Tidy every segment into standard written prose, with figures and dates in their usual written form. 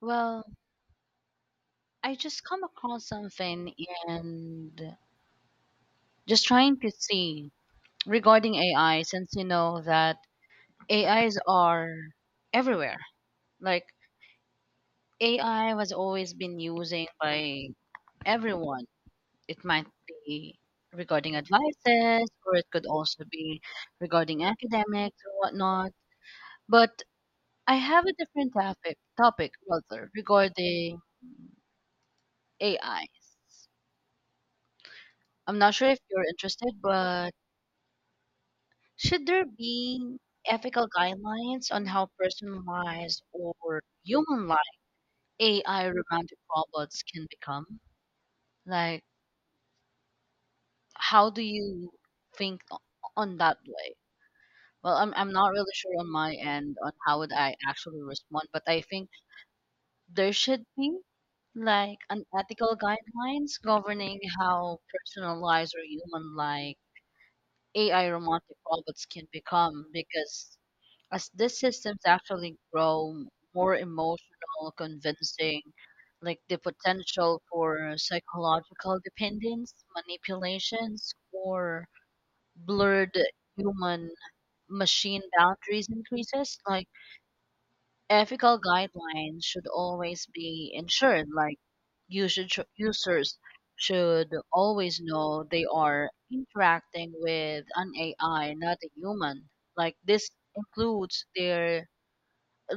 Well, I just come across something and just trying to see regarding AI, since you know that AIs are everywhere. Like AI was always been using by everyone. It might be regarding advices, or it could also be regarding academics or whatnot. But I have a different topic rather regarding AIs. I'm not sure if you're interested, but should there be ethical guidelines on how personalized or human like AI romantic robots can become? Like, how do you think o- on that way? Well, I'm not really sure on my end on how would I actually respond, but I think there should be like an ethical guidelines governing how personalized or human like AI romantic robots can become, because as these systems actually grow more emotional, convincing, like the potential for psychological dependence, manipulations, or blurred human machine boundaries increases. Like, ethical guidelines should always be ensured, like usage, users should always know they are interacting with an AI, not a human. Like, this includes their uh,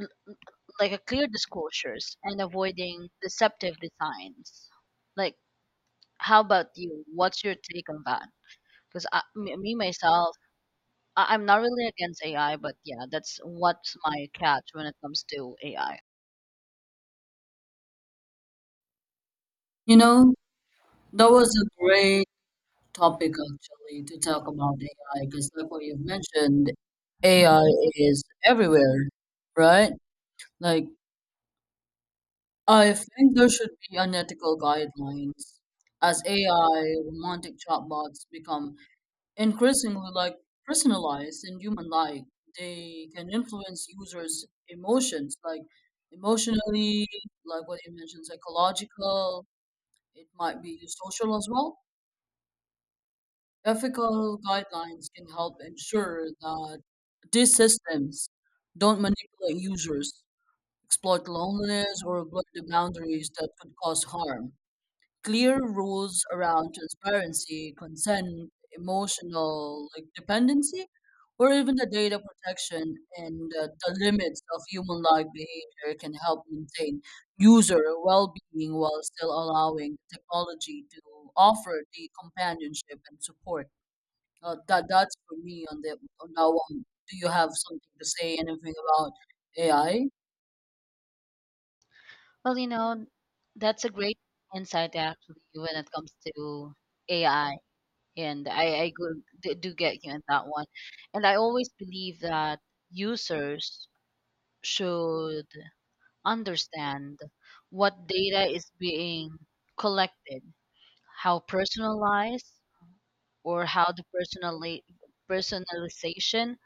like a clear disclosures and avoiding deceptive designs. Like, how about you? What's your take on that? Because me myself, I'm not really against AI, but yeah, that's what's my catch when it comes to AI. You know, that was a great topic actually to talk about AI because, like what you've mentioned, AI is everywhere, right? Like, I think there should be unethical guidelines as AI romantic chatbots become increasingly like personalized and human-like. They can influence users' emotions, like emotionally, like what you mentioned, psychological. It might be social as well. Ethical guidelines can help ensure that these systems don't manipulate users, exploit loneliness, or blur the boundaries that could cause harm. Clear rules around transparency, consent, emotional like, dependency, or even the data protection and the limits of human like behavior can help maintain user well being while still allowing technology to offer the companionship and support that's for me on the on that one. Do you have something to say anything about AI? Well, you know, that's a great insight actually when it comes to AI, and I do get you in that one. And I always believe that users should understand what data is being collected, how personalized, or personalization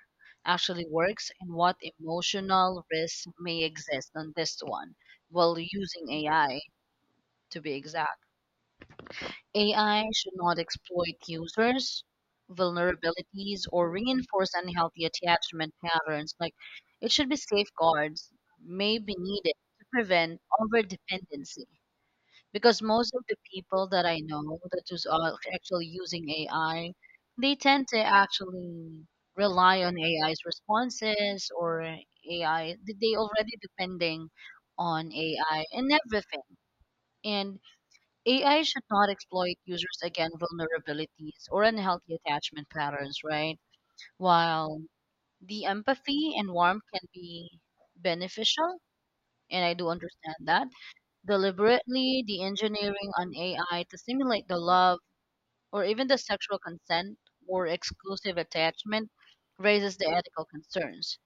actually works, and what emotional risks may exist on this one while using AI, to be exact. AI should not exploit users' vulnerabilities or reinforce unhealthy attachment patterns. Like, it should be safeguards may be needed to prevent over dependency. Because most of the people that I know that is actually using AI, they tend to actually rely on AI's responses or AI. They already depending on AI in everything. And AI should not exploit users' again vulnerabilities or unhealthy attachment patterns, right? While the empathy and warmth can be beneficial, and I do understand that, deliberately the engineering on AI to simulate the love or even the sexual consent or exclusive attachment raises the ethical concerns.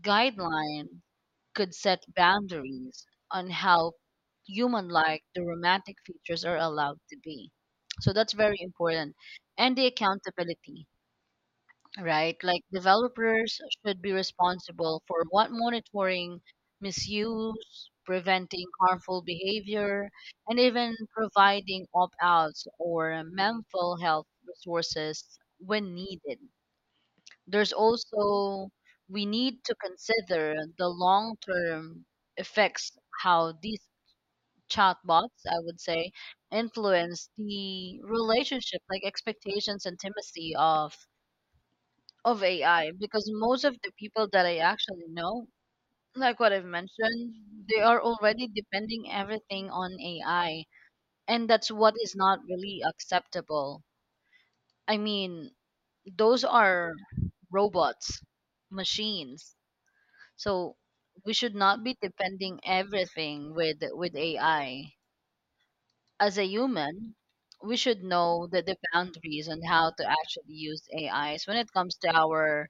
Guideline could set boundaries on how human like the romantic features are allowed to be. So that's very important. And the accountability, right? Like developers should be responsible for what monitoring, misuse, preventing harmful behavior, and even providing opt outs or mental health resources when needed. There's also we need to consider the long-term effects, how these chatbots, I would say, influence the relationship, like expectations and intimacy of AI. Because most of the people that I actually know, like what I've mentioned, they are already depending everything on AI, and that's what is not really acceptable. I mean, those are robots, machines. So we should not be depending everything with AI. As a human, we should know the boundaries on how to actually use AIs when it comes to our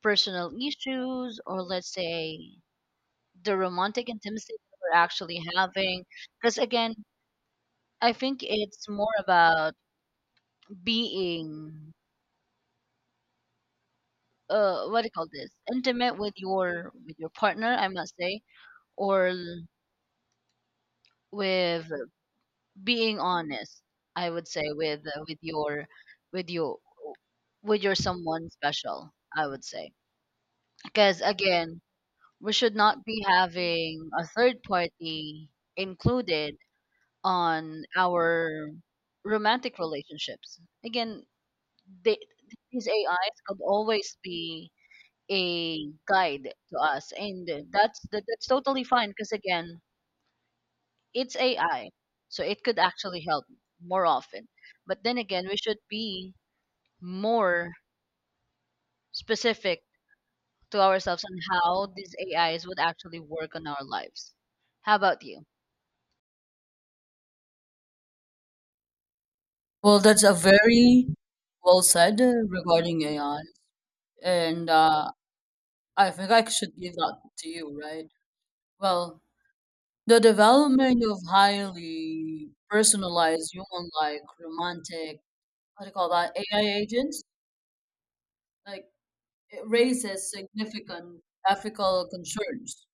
personal issues, or let's say the romantic intimacy that we're actually having. Because again, I think it's more about being what do you call this? Intimate with your partner, I must say, or with, being honest, I would say, with with your your someone special, I would say. Because again, we should not be having a third party included on our romantic relationships. Again, they, these AIs could always be a guide to us, and that's totally fine. Because again, it's AI, so it could actually help more often. But then again, we should be more specific to ourselves on how these AIs would actually work on our lives. How about you? Well, that's a very well said regarding AI, and I think I should give that to you, right? Well, the development of highly personalized human-like romantic, what do you call that, AI agents, like it raises significant ethical concerns.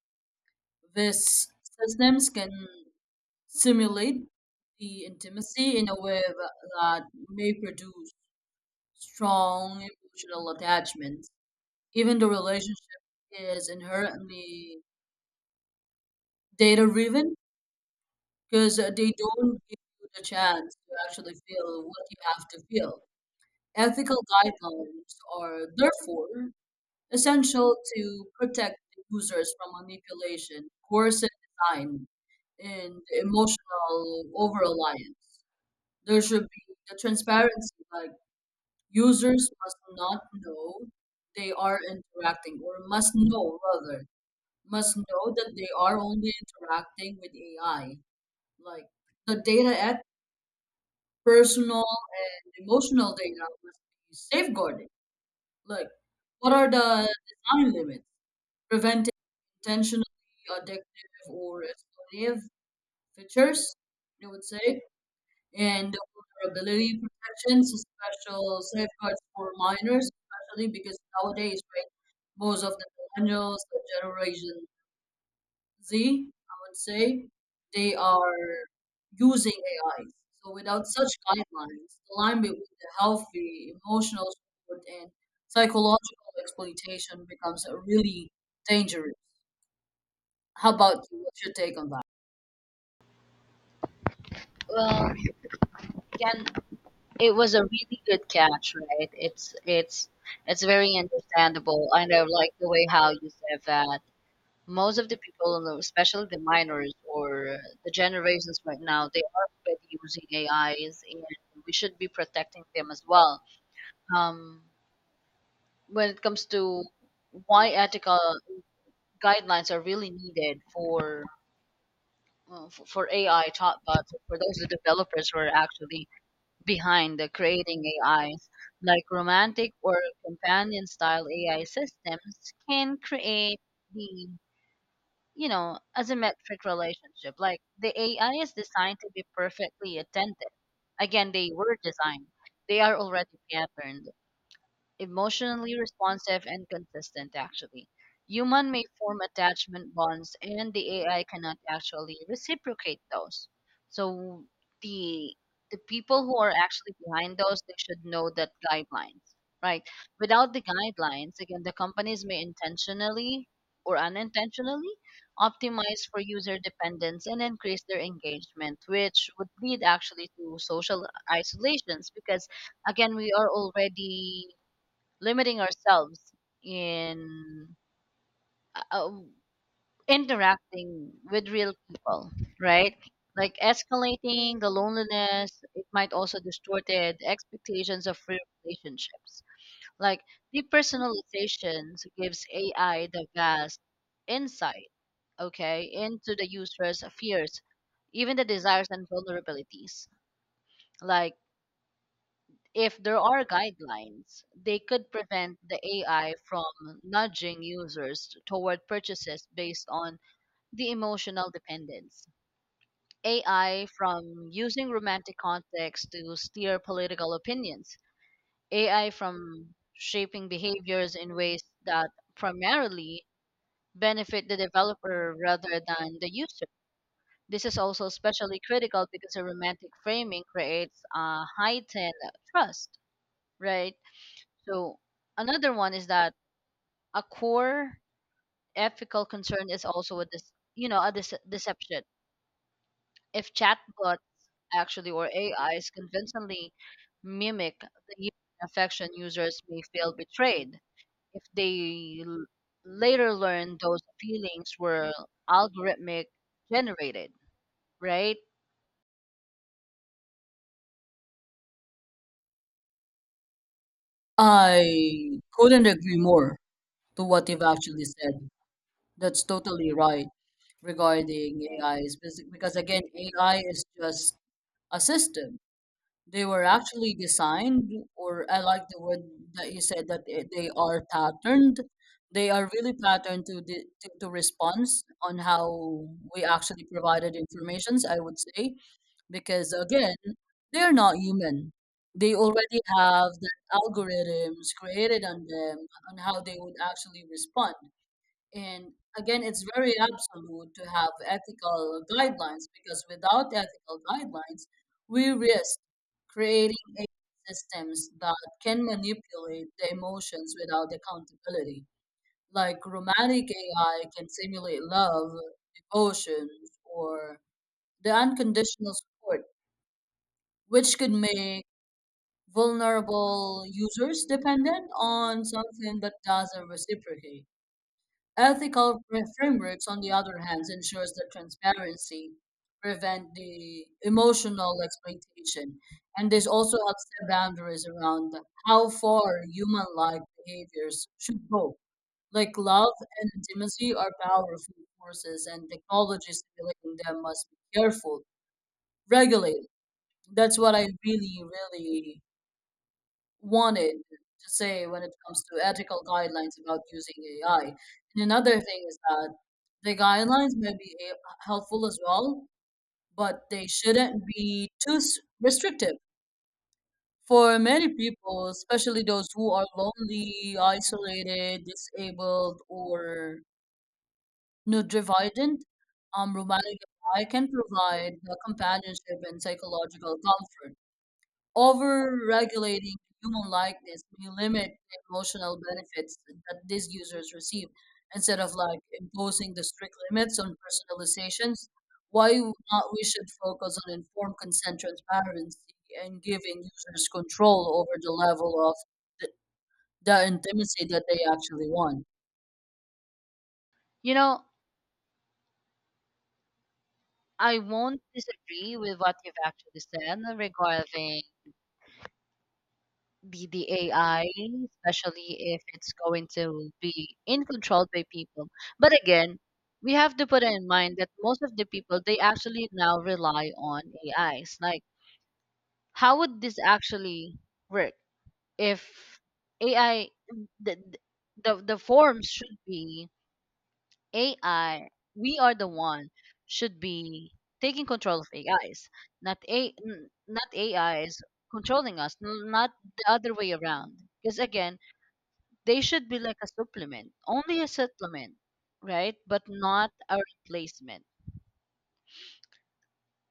These systems can simulate the intimacy in a way that may produce strong emotional attachments. Even the relationship is inherently data driven because they don't give you the chance to actually feel what you have to feel. Ethical guidelines are therefore essential to protect the users from manipulation, coercive design, and emotional over reliance. There should be the transparency, like users must not know they are interacting, or must know rather, must know that they are only interacting with AI. Like the data at personal and emotional data must be safeguarded. Like what are the design limits? Preventing intentionally addictive or exploitative features, I would say. And the vulnerability protections, special safeguards for minors, especially because nowadays, right, most of the millennials, the Generation Z, I would say, they are using AIs. So without such guidelines, the line between the healthy emotional support and psychological exploitation becomes really dangerous. How about you? What's your take on that? Well, again, it was a really good catch, right? It's very understandable. I know, like the way how you said that. Most of the people, especially the minors or the generations right now, they are already using AIs, and we should be protecting them as well, um, when it comes to why ethical guidelines are really needed for AI chatbots, for those developers who are actually behind the creating AIs, like romantic or companion style AI systems can create the you know asymmetric relationship. Like, the AI is designed to be perfectly attentive. Again, they were designed. They are already patterned, emotionally responsive and consistent. Actually, human may form attachment bonds and the AI cannot actually reciprocate those. So the people who are actually behind those, they should know that guidelines, right? Without the guidelines again, the companies may intentionally or unintentionally optimize for user dependence and increase their engagement, which would lead actually to social isolations, because again, we are already limiting ourselves in uh, uh, interacting with real people, right? Like escalating the loneliness, it might also distort the expectations of real relationships. Like depersonalization gives AI the vast insight, okay, into the user's fears, even the desires and vulnerabilities. Like, if there are guidelines, they could prevent the AI from nudging users toward purchases based on the emotional dependence. AI from using romantic context to steer political opinions. AI from shaping behaviors in ways that primarily benefit the developer rather than the user. This is also especially critical because a romantic framing creates a heightened trust, right? So another one is that a core ethical concern is also a deception. If chatbot actually or AIs convincingly mimic the human affection, users may feel betrayed if they later learn those feelings were algorithmic generated, right? I couldn't agree more to what you've actually said. That's totally right regarding AIs because again, AI is just a system. They were actually designed, or I like the word that you said they are patterned. They are really patterned to response on how we actually provided informations, I would say, because again, they are not human. They already have the algorithms created on them on how they would actually respond. And again, it's very absolute to have ethical guidelines because without ethical guidelines, we risk creating AI systems that can manipulate the emotions without accountability. Like romantic AI can simulate love, devotion, or the unconditional support, which could make vulnerable users dependent on something that doesn't reciprocate. Ethical frameworks, on the other hand, ensures that transparency prevent the emotional exploitation, and this also helps set boundaries around how far human-like behaviors should go. Like love and intimacy are powerful forces, and technologies simulating them must be careful, regulated. That's what I really, really wanted to say when it comes to ethical guidelines about using AI. And another thing is that the guidelines may be helpful as well, but they shouldn't be too restrictive. For many people, especially those who are lonely, isolated, disabled, or neurodivergent, romantic AI can provide the companionship and psychological comfort. Over-regulating human likeness may limit the emotional benefits that these users receive. Instead of like imposing the strict limits on personalizations, why not we should focus on informed consent transparency and giving users control over the level of the, the intimacy that they actually want. You know, I won't disagree with what you've actually said regarding the AI, especially if it's going to be in controlled by people. But again, we have to put in mind that most of the people they actually now rely on AIs. Like, how would this actually work if AI, the the forms should be AI? We are the one should be taking control of AIs, not AIs controlling us, not the other way around. Because again, they should be like a supplement, only a supplement, right? But not a replacement.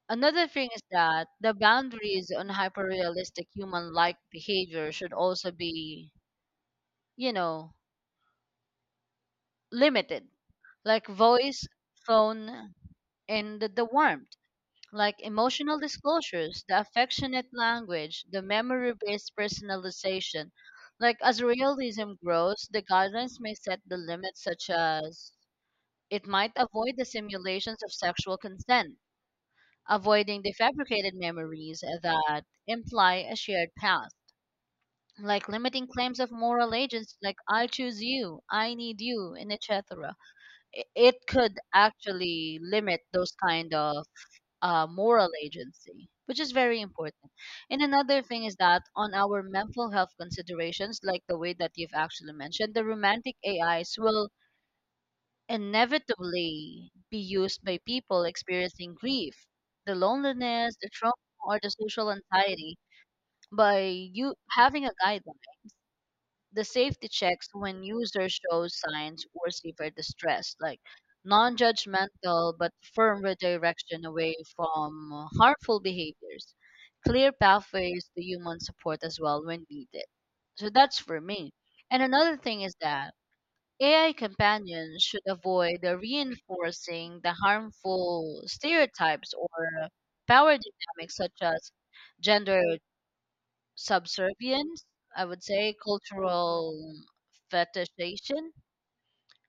Another thing is that the boundaries on hyperrealistic human-like behavior should also be, you know, limited, like voice, tone, and the warmth, like emotional disclosures, the affectionate language, the memory-based personalization. Like as realism grows, the guidelines may set the limits, such as it might avoid the simulations of sexual consent, avoiding the fabricated memories that imply a shared past, like limiting claims of moral agents like I choose you, I need you, and etc. It could actually limit those kind of moral agency, which is very important. And another thing is that on our mental health considerations, like the way that you've actually mentioned, the romantic AIs will inevitably be used by people experiencing grief, the loneliness, the trauma, or the social anxiety. By you having a guideline, the safety checks when users show signs or severe distress, like non-judgmental but firm redirection away from harmful behaviors, clear pathways to human support as well when needed. So that's for me. And another thing is that AI companions should avoid reinforcing the harmful stereotypes or power dynamics such as gender subservience, I would say, cultural fetishization,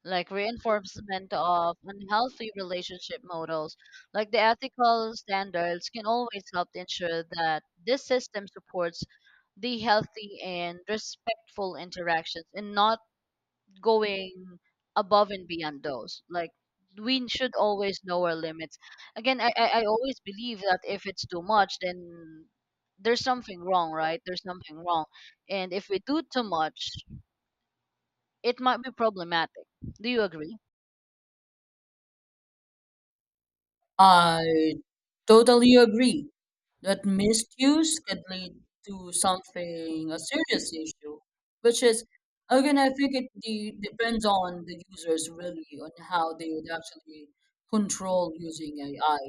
like reinforcement of unhealthy relationship models. Like the ethical standards can always help to ensure that this system supports the healthy and respectful interactions and not going above and beyond those. Like, we should always know our limits. Again, I always believe that if it's too much, then there's something wrong, right? There's something wrong. And if we do too much, it might be problematic. Do you agree? I totally agree. That misuse could lead to something, a serious issue, which is, again, I think it depends on the users really, on how they would actually control using AI.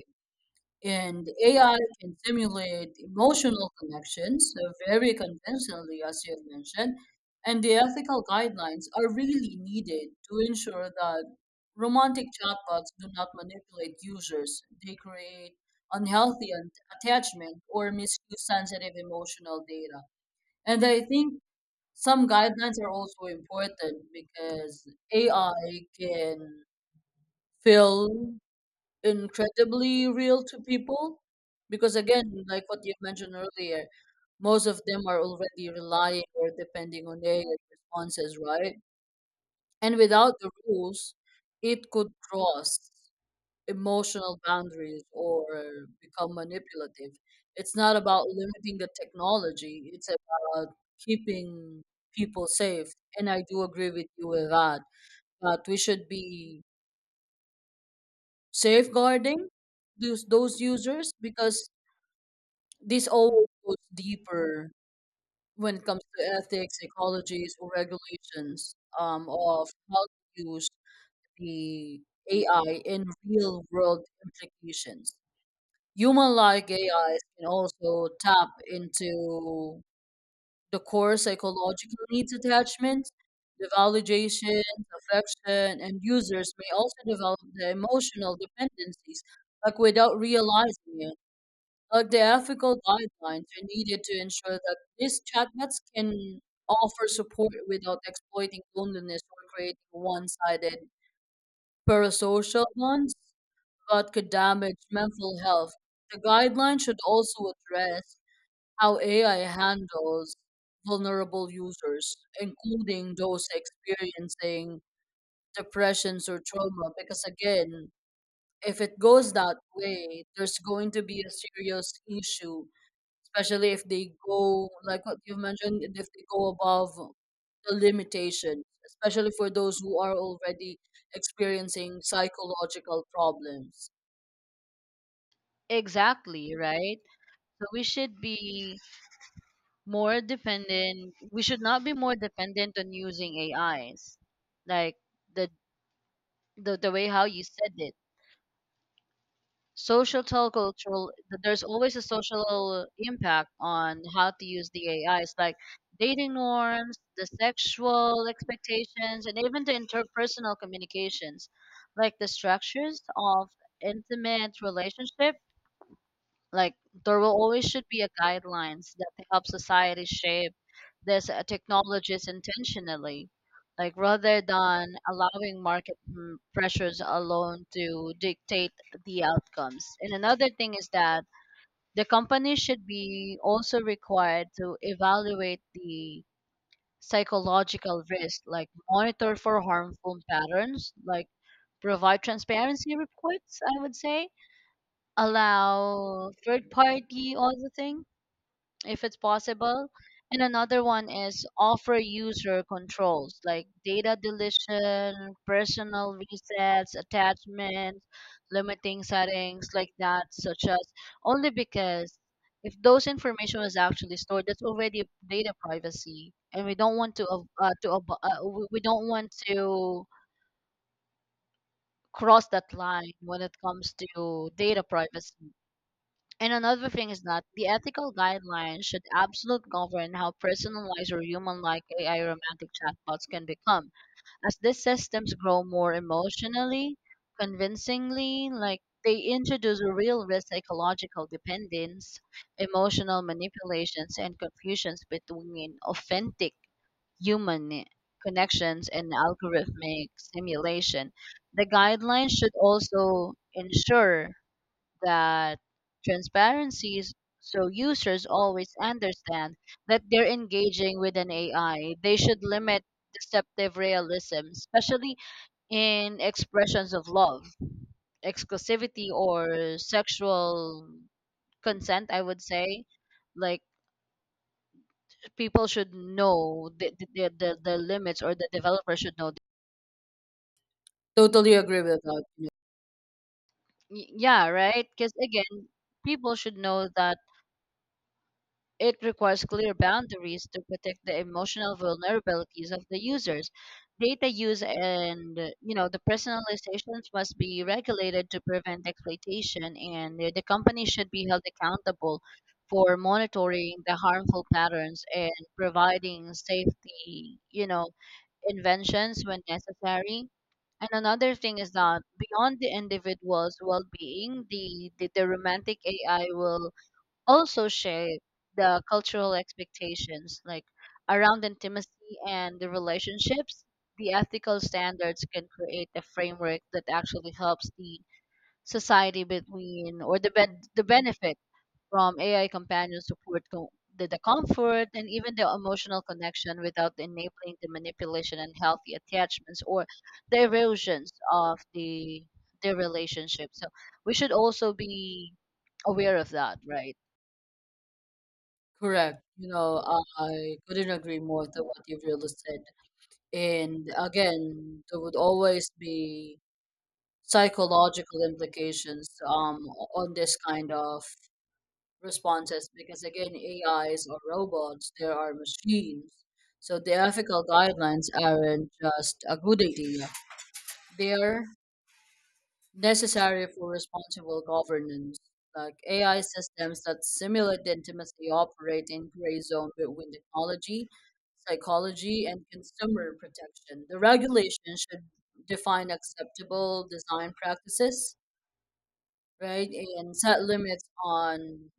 And AI can simulate emotional connections very conventionally, as you have mentioned, and the ethical guidelines are really needed to ensure that romantic chatbots do not manipulate users. They create unhealthy attachment or misuse sensitive emotional data. And I think some guidelines are also important because AI can fill incredibly real to people, because again, like what you mentioned earlier, most of them are already relying or depending on their responses, right? And without the rules, it could cross emotional boundaries or become manipulative. It's not about limiting the technology, it's about keeping people safe. And I do agree with you with that, that we should be safeguarding those users, because this always goes deeper when it comes to ethics, ecologies, or regulations of how to use the AI in real world implications. Human like AIs can also tap into the core psychological needs attachments, the validation, affection, and users may also develop the emotional dependencies, like without realizing it. The ethical guidelines are needed to ensure that these chatbots can offer support without exploiting loneliness or creating one-sided parasocial bonds that could damage mental health. The guidelines should also address how AI handles vulnerable users, including those experiencing depressions or trauma, because again, if it goes that way, there's going to be a serious issue, especially if they go like what you've mentioned, if they go above the limitations, especially for those who are already experiencing psychological problems. Exactly, right? So we should be more dependent. We should not be more dependent on using AIs. Like the the way how you said it, social cultural, there's always a social impact on how to use the AI. It's like dating norms, the sexual expectations, and even the interpersonal communications, like the structures of intimate relationships. Like there will always should be a guidelines that help society shape this technologies intentionally, like rather than allowing market pressures alone to dictate the outcomes. And another thing is that the company should be also required to evaluate the psychological risk, like monitor for harmful patterns, like provide transparency reports, I would say, allow third party auditing if it's possible. And another one is offer user controls like data deletion, personal resets, attachments, limiting settings like that, such as only because if those information was actually stored, that's already data privacy, and we don't want to we don't want to cross that line when it comes to data privacy. And another thing is that the ethical guidelines should absolutely govern how personalized or human-like AI romantic chatbots can become. As these systems grow more emotionally, convincingly, like they introduce real risk psychological dependence, emotional manipulations, and confusions between authentic human connections and algorithmic simulation. The guidelines should also ensure that transparency is so users always understand that they're engaging with an AI. They should limit deceptive realism, especially in expressions of love, exclusivity, or sexual consent, I would say. Like people should know the limits, or the developer should know. Totally agree with that. Yeah, right? Because again, people should know that it requires clear boundaries to protect the emotional vulnerabilities of the users. Data use and the personalizations must be regulated to prevent exploitation, and the company should be held accountable for monitoring the harmful patterns and providing safety, inventions when necessary. And another thing is that beyond the individual's well-being, the romantic AI will also shape the cultural expectations like around intimacy and the relationships. The ethical standards can create a framework that actually helps the society between or the the benefit from ai companion support the comfort and even the emotional connection without enabling the manipulation and healthy attachments or the erosions of the relationship. So we should also be aware of that, right? Correct. I couldn't agree more to what you've really said. And again, there would always be psychological implications on this kind of responses, because again, AIs or robots, they are machines. So the ethical guidelines aren't just a good idea, they're necessary for responsible governance. Like AI systems that simulate intimacy operate in gray zone between technology, psychology, and consumer protection. The regulation should define acceptable design practices, right? And set limits on,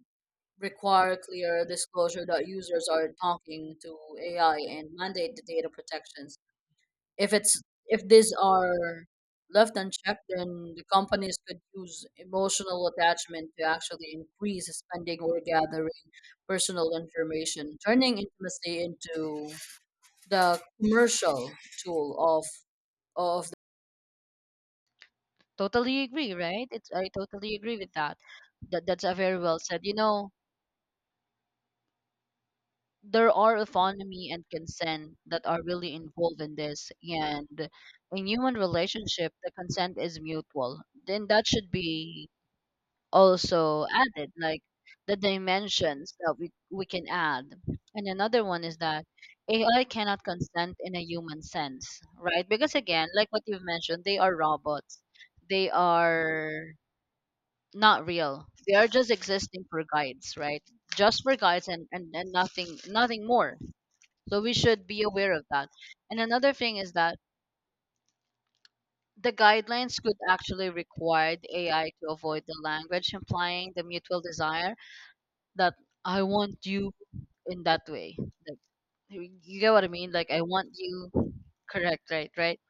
require clear disclosure that users are talking to AI and mandate the data protections. If it's if these are left unchecked, then the companies could use emotional attachment to actually increase spending or gathering personal information, turning intimacy into the commercial tool of. Totally agree, right? It's I totally agree with that. That's a very well said. You know, there are autonomy and consent that are really involved in this, and in human relationship, the consent is mutual. Then that should be also added, like the dimensions that we can add. And another one is that AI cannot consent in a human sense, right? Because again, like what you've mentioned, they are robots. They are not real. They are just existing for guides, right? Just for guides and nothing more. So we should be aware of that. And another thing is that the guidelines could actually require the AI to avoid the language implying the mutual desire that I want you in that way. Like you get what I mean? Like I want you, correct, right? Right?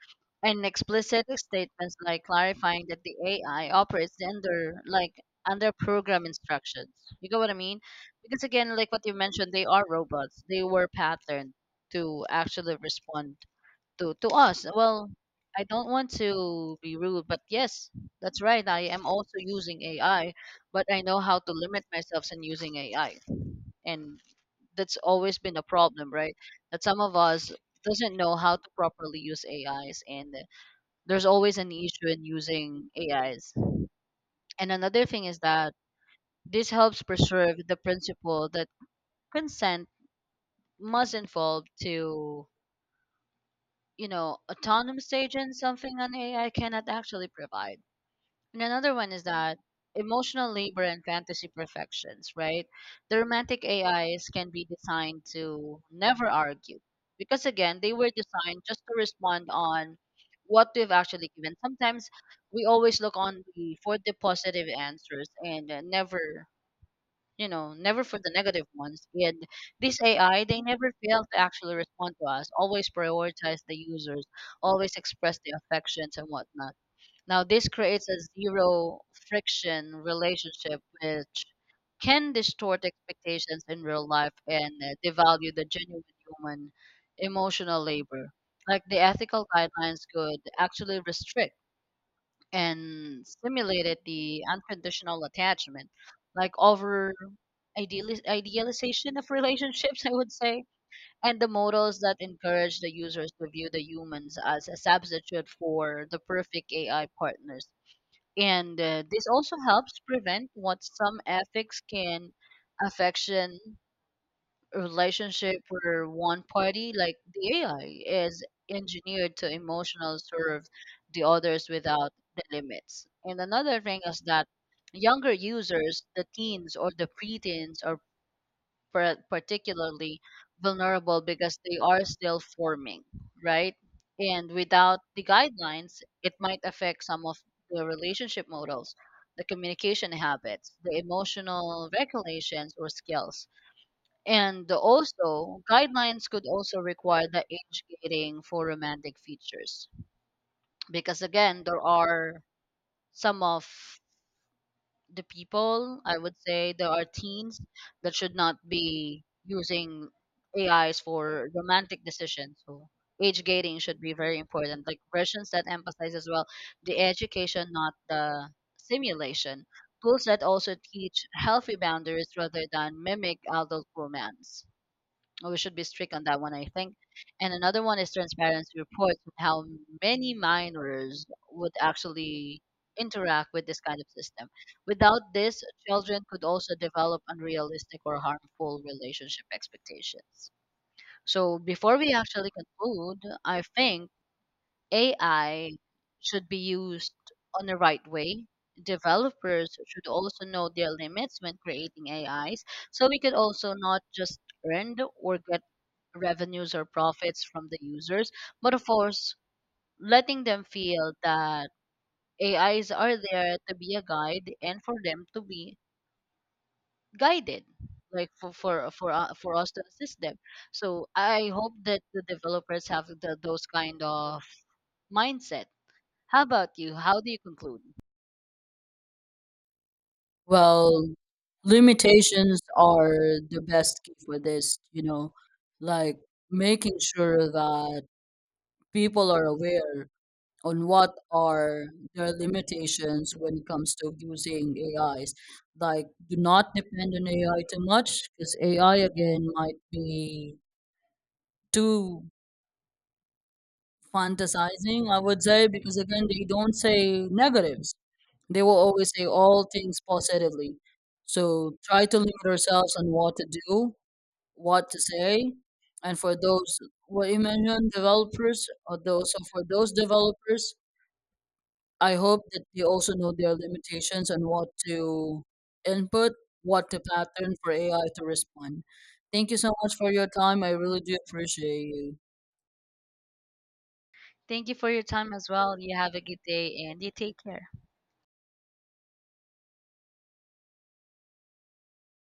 And explicit statements like clarifying that the AI operates under under program instructions. You get what I mean? Because again, like what you mentioned, they are robots. They were patterned to actually respond to us. Well, I don't want to be rude, but yes, that's right. I am also using AI, but I know how to limit myself in using AI. And that's always been a problem, right? That some of us doesn't know how to properly use AIs, and there's always an issue in using AIs. And another thing is that this helps preserve the principle that consent must involve to, you know, autonomous agents, something an AI cannot actually provide. And another one is that emotional labor and fantasy perfections, right? The romantic AIs can be designed to never argue because, again, they were designed just to respond on what we've actually given. Sometimes we always look on for the positive answers and never, you know, never for the negative ones. And this AI, they never fail to actually respond to us, always prioritize the users, always express the affections and whatnot. Now, this creates a zero friction relationship, which can distort expectations in real life and devalue the genuine human emotional labor. Like the ethical guidelines could actually restrict and stimulated the unconditional attachment, like over idealization of relationships, I would say, and the models that encourage the users to view the humans as a substitute for the perfect AI partners. And this also helps prevent what some ethics can affection relationship where one party, like the AI, is engineered to emotional serve the others without the limits. And another thing is that younger users, the teens or the preteens, are particularly vulnerable because they are still forming, right? And without the guidelines, it might affect some of the relationship models, the communication habits, the emotional regulations or skills. And also, guidelines could also require the age gating for romantic features because again, there are some of the people, I would say there are teens that should not be using AIs for romantic decisions. So age gating should be very important. Like versions that emphasize as well the education, not the simulation. Tools that also teach healthy boundaries rather than mimic adult romance. We should be strict on that one, I think. And another one is transparency reports on how many minors would actually interact with this kind of system. Without this, children could also develop unrealistic or harmful relationship expectations. So before we actually conclude, I think AI should be used on the right way. Developers should also know their limits when creating AIs, so we could also not just earn or get revenues or profits from the users, but of course, letting them feel that AIs are there to be a guide and for them to be guided, like for us to assist them. So I hope that the developers have those kind of mindset. How about you? How do you conclude? Well, limitations are the best key for this, like making sure that people are aware on what are their limitations when it comes to using AIs. Like, do not depend on AI too much because AI again might be too fantasizing, I would say, because again, they don't say negatives. They will always say all things positively. So try to limit ourselves on what to do, what to say, and for those, what you mentioned, developers, or those, so for those developers, I hope that they also know their limitations and what to input, what to pattern for AI to respond. Thank you so much for your time. I really do appreciate you. Thank you for your time as well. You have a good day and you take care.